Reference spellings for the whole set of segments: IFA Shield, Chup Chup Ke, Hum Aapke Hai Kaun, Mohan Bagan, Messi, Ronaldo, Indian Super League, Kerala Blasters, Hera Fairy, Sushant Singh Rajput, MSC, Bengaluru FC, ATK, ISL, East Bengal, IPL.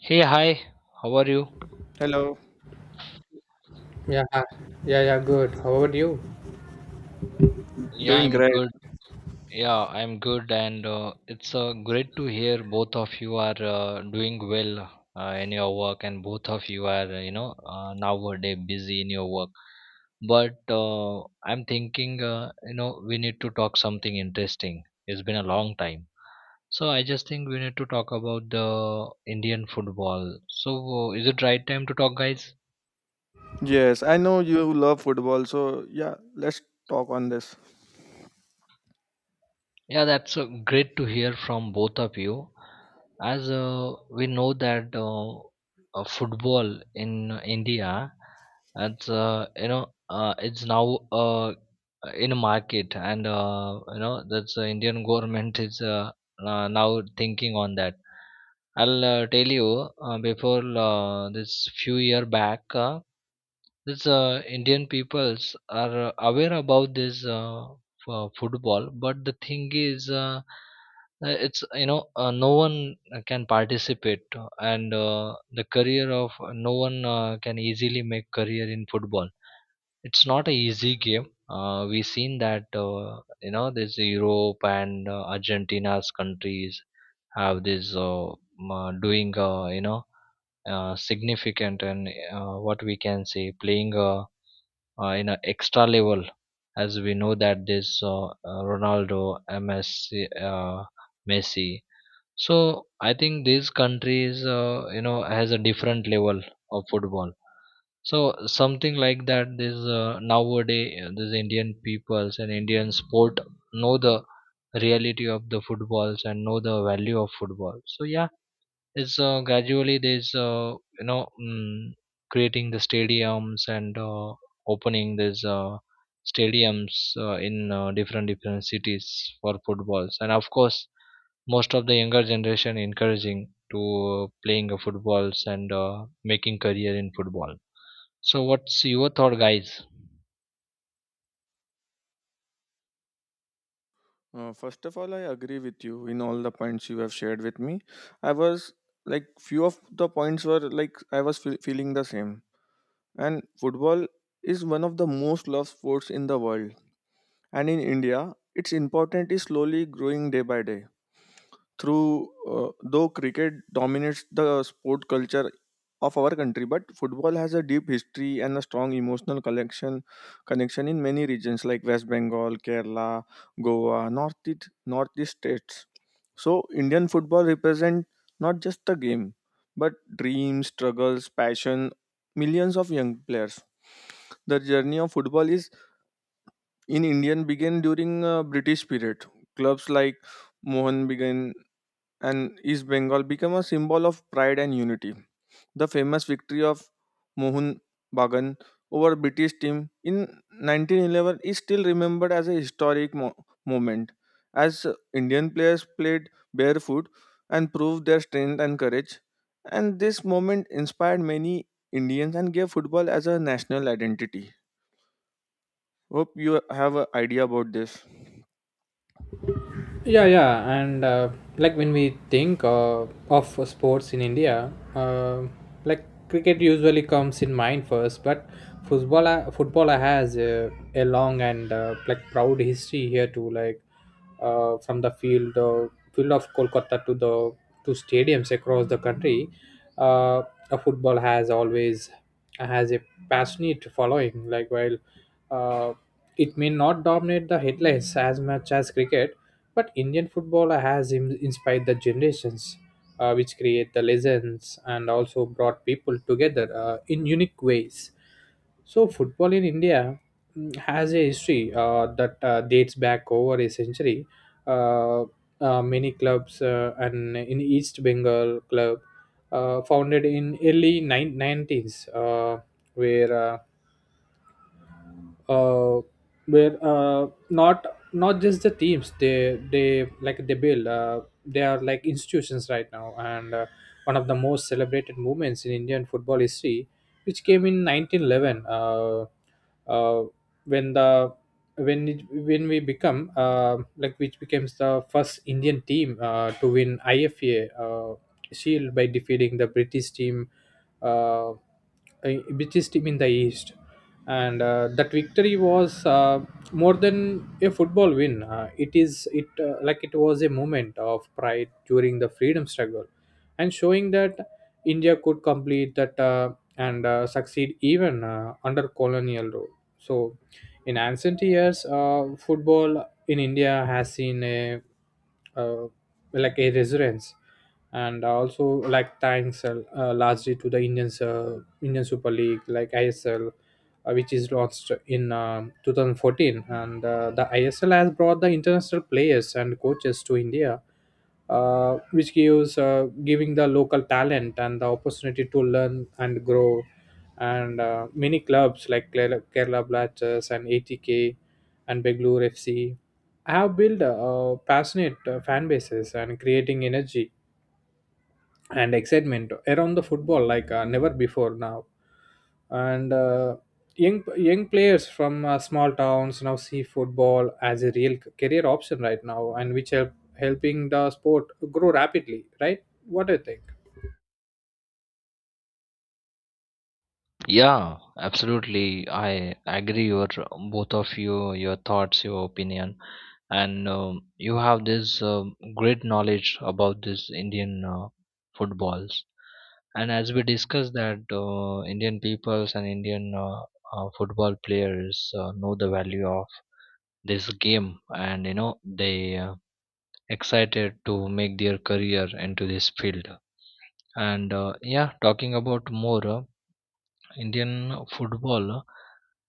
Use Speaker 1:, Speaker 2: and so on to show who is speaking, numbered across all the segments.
Speaker 1: Hey, hi, how are you?
Speaker 2: Hello,
Speaker 3: Yeah, yeah, yeah, good. How about you?
Speaker 1: Yeah,
Speaker 2: doing
Speaker 1: I'm
Speaker 2: great.
Speaker 1: good. Yeah, I'm good, and it's great to hear both of you are doing well in your work, and both of you are, nowadays busy in your work. But I'm thinking, we need to talk something interesting. It's been a long time. So I just think we need to talk about the Indian football. So is it right time to talk, guys?
Speaker 2: Yes, I know you love football, so yeah, let's talk on this.
Speaker 1: Yeah, that's great to hear from both of you. As we know that football in India, it's it's now uh, in a market, and that's the Indian government is now thinking on that. I'll tell you before this few year back. This Indian peoples are aware about this football, but the thing is, it's no one can participate, and the career of no one can easily make career in football. It's not a easy game. We seen that this Europe and Argentina's countries have this doing significant and what we can say playing a in an extra level as we know that this Ronaldo, MSC, Messi. So I think these countries, has a different level of football. So something like that. This nowadays, these Indian peoples and Indian sport know the reality of the footballs and know the value of football. So yeah, it's gradually there's you know mm, creating the stadiums and opening these stadiums in different different cities for footballs and of course most of the younger generation encouraging to playing of footballs and making career in football, so what's your thought, guys?
Speaker 2: First of all, I agree with you in all the points you have shared with me. I was few of the points were I was feeling the same. And football is one of the most loved sports in the world. And in India, its importance is slowly growing day by day. Through though cricket dominates the sport culture of our country, but football has a deep history and a strong emotional collection connection in many regions like West Bengal, Kerala, Goa, Northeast states. So Indian football represent not just the game, but dreams, struggles, passion, millions of young players. The journey of football is in Indian began during British period. Clubs like Mohan began and East Bengal became a symbol of pride and unity. The famous victory of Mohun Bagan over British team in 1911 is still remembered as a historic moment, as Indian players played barefoot and proved their strength and courage. And this moment inspired many Indians and gave football as a national identity. Hope you have an idea about this.
Speaker 3: Yeah yeah and when we think of sports in india, like cricket usually comes in mind first, but football has a long and like proud history here too. From the field of Kolkata to the to stadiums across the country, uh, a football has always has a passionate following. Like while uh, it may not dominate the headlines as much as cricket, but Indian football has inspired the generations, which create the legends and also brought people together in unique ways. So, football in India has a history that dates back over a century. Uh, Many clubs and in East Bengal club founded in early 19th, where uh, uh, where not just the teams, they build they are like institutions right now. And one of the most celebrated movements in Indian football history, which came in 1911, uh, when the when we become, which becomes the first Indian team to win IFA Shield by defeating the British team in the East. And that victory was, more than a football win, it is it like it was a moment of pride during the freedom struggle and showing that india could complete that, and succeed even under colonial rule. So in ancient years, football in india has seen a, uh, like a resurgence, and also like thanks, largely to the indian super league, like ISL, which is launched in 2014. And the ISL has brought the international players and coaches to India, which gives giving the local talent and the opportunity to learn and grow. And many clubs like Kerala Blasters and ATK and Bengaluru FC have built passionate fan bases and creating energy and excitement around the football, like never before now. And young players from small towns now see football as a real career option right now, and which helping the sport grow rapidly, right? What do you think?
Speaker 1: Yeah, absolutely. I agree your both of you, your thoughts, your opinion, and you have this great knowledge about this Indian footballs. And as we discussed that Indian peoples and Indian football players know the value of this game, and you know they excited to make their career into this field. And yeah, talking about more. Indian football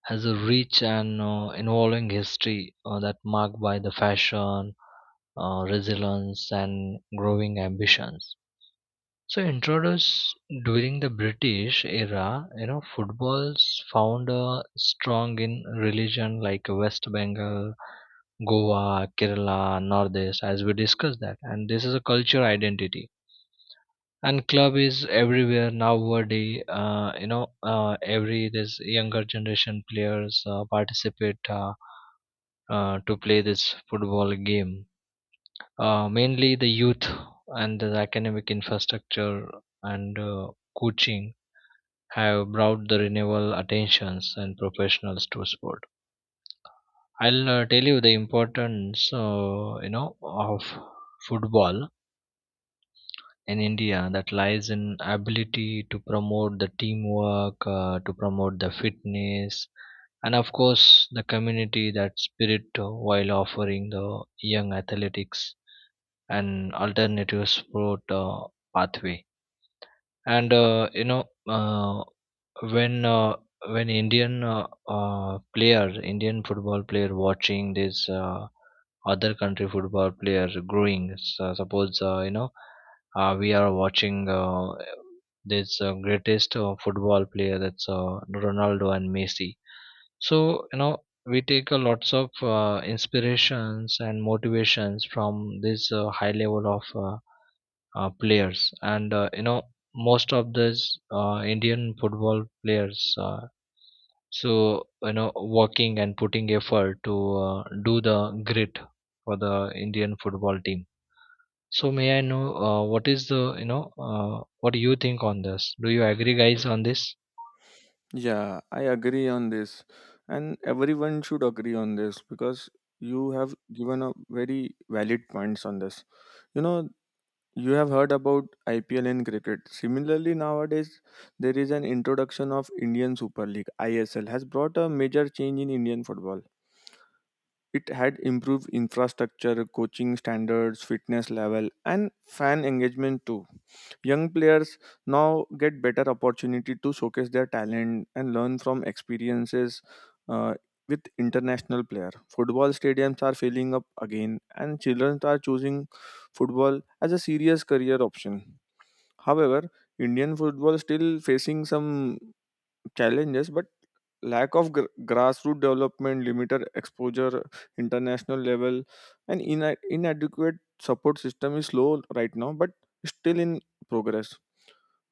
Speaker 1: has a rich and involving history that marked by the fashion, resilience, and growing ambitions. So, introduced during the British era, you know, football's found strong in religion like West Bengal, Goa, Kerala, Northeast, as we discussed that, and this is a culture identity and club is everywhere nowadays, every this younger generation players participate, to play this football game, mainly the youth and the academic infrastructure and coaching have brought the renewal attentions and professionals to sport. I'll tell you the importance, of football in India that lies in ability to promote the teamwork, to promote the fitness, and of course the community that spirit while offering the young athletics an alternative sport pathway. And when uh, when Indian player, Indian football player, watching this other country football player growing. So suppose we are watching this greatest football player that's Ronaldo and Messi. So you know we take a lots of inspirations and motivations from this high level of. Players, and most of these Indian football players. So you know working and putting effort to do the grit for the Indian football team. So may I know what is the what do you think on this? Do you agree, guys, on this?
Speaker 2: Yeah, I agree on this. And everyone should agree on this because you have given a very valid points on this. You know, you have heard about IPL in cricket. Similarly, nowadays there is an introduction of Indian Super League. ISL has brought a major change in Indian football. It had improved infrastructure, coaching standards, fitness level, and fan engagement too. Young players now get better opportunity to showcase their talent and learn from experiences uh, with international player. Football stadiums are filling up again, and children are choosing football as a serious career option. However, Indian football still facing some challenges, but lack of grassroots development, limited exposure, international level, and inadequate support system is slow right now, but still in progress.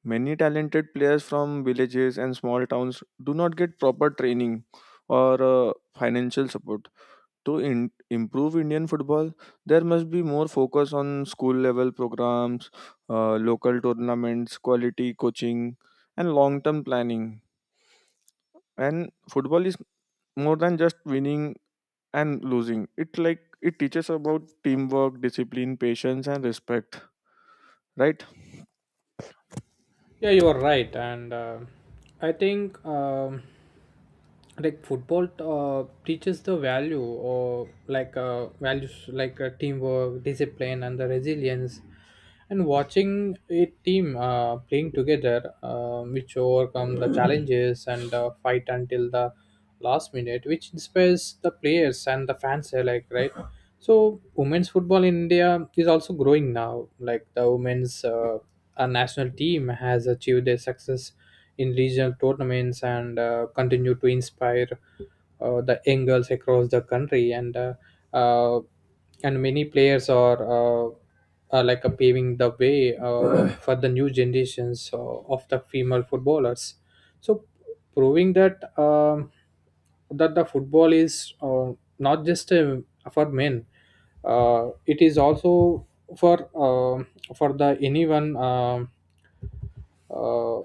Speaker 2: Many talented players from villages and small towns do not get proper training or financial support. To improve Indian football, there must be more focus on school level programs, local tournaments, quality coaching, and long term planning. And football is more than just winning and losing. It like it teaches about teamwork, discipline, patience, and respect, right?
Speaker 3: Yeah, you are right, and I think like football teaches the value, or like values like teamwork, discipline, and the resilience. And watching a team playing together, which overcome the challenges and fight until the last minute, which inspires the players and the fans alike, right? So, women's football in India is also growing now. Like the women's, our national team has achieved their success in regional tournaments and continue to inspire the young girls across the country. Uh, and many players are, paving the way, for the new generations of the female footballers. So proving that that the football is, not just for men, it is also for um for the anyone uh,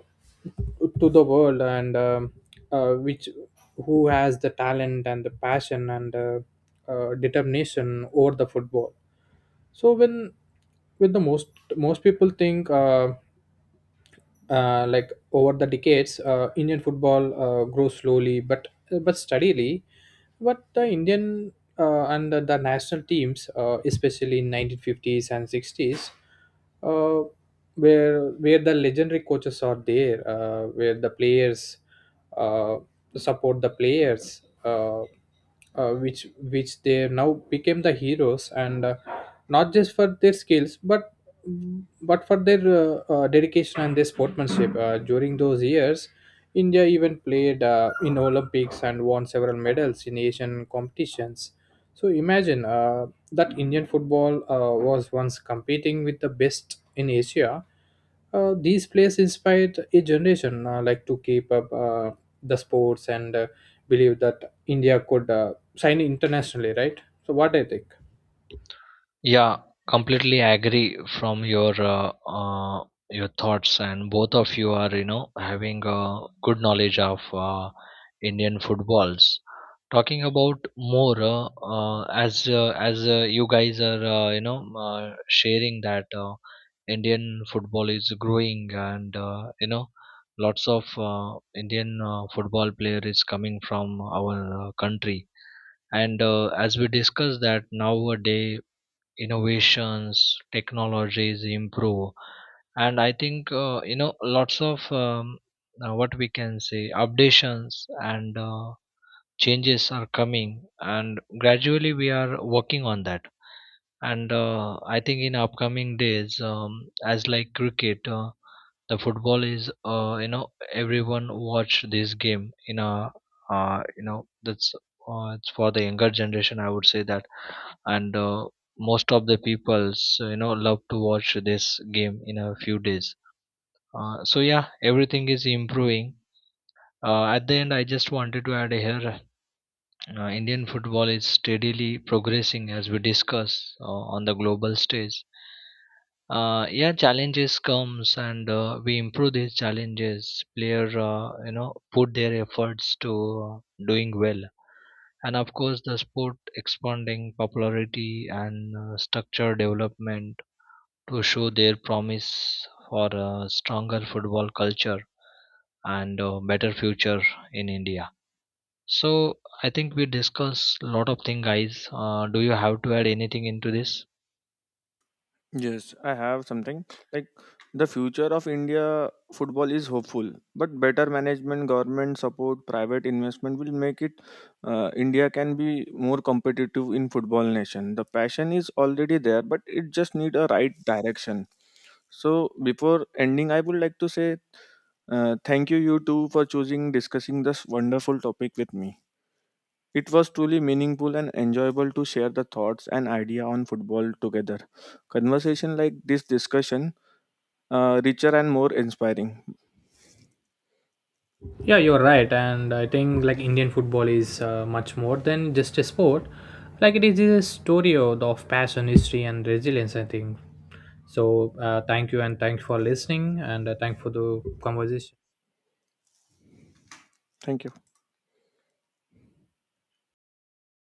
Speaker 3: to the world and which who has the talent and the passion and determination over the football. So when with the most people think. Over the decades, Indian football grew slowly but steadily. But the Indian the national teams, especially in 1950s and 60s, uh, where the legendary coaches are there, where the players uh, support the players. Which they now became the heroes, and not just for their skills but for their dedication and their sportsmanship. During those years india even played in olympics and won several medals in asian competitions. So imagine that indian football was once competing with the best in asia. These players inspired a generation, like to keep up the sports, and believe that India could sign internationally, right? So what do you think?
Speaker 1: Yeah,
Speaker 2: Right.
Speaker 1: completely agree from your thoughts, and both of you are, you know, having a good knowledge of Indian footballs. Talking about more as you guys are sharing that Indian football is growing, and lots of Indian football player is coming from our country, and as we discussed that nowadays innovations technologies improve, and I think lots of what we can say updations and changes are coming, and gradually we are working on that. And I think in upcoming days, as like cricket, the football is, everyone watch this game in a that's it's for the younger generation, I would say that. And most of the peoples, you know, love to watch this game in a few days. So yeah, everything is improving. At the end I just wanted to add here, Indian football is steadily progressing, as we discuss, on the global stage. Yeah, challenges comes and we improve these challenges. Player, put their efforts to doing well, and of course the sport expanding popularity and structure development to show their promise for a stronger football culture and better future in India. So I think we discussed a lot of things, guys. Do you have to add anything into this?
Speaker 2: Yes, I have something. Like, the future of India football is hopeful, but better management, government support, private investment will make it. India can be more competitive in football nation. The passion is already there, but it just need a right direction. So before ending, I would like to say, thank you, you too, for choosing discussing this wonderful topic with me. It was truly meaningful and enjoyable to share the thoughts and idea on football together. Conversation like this discussion, richer and more inspiring.
Speaker 3: Yeah, you're right, and I think like Indian football is much more than just a sport. Like it is a story of passion, history, and resilience. I think so. Thank you, and thanks for listening, and thank for the conversation.
Speaker 2: Thank you.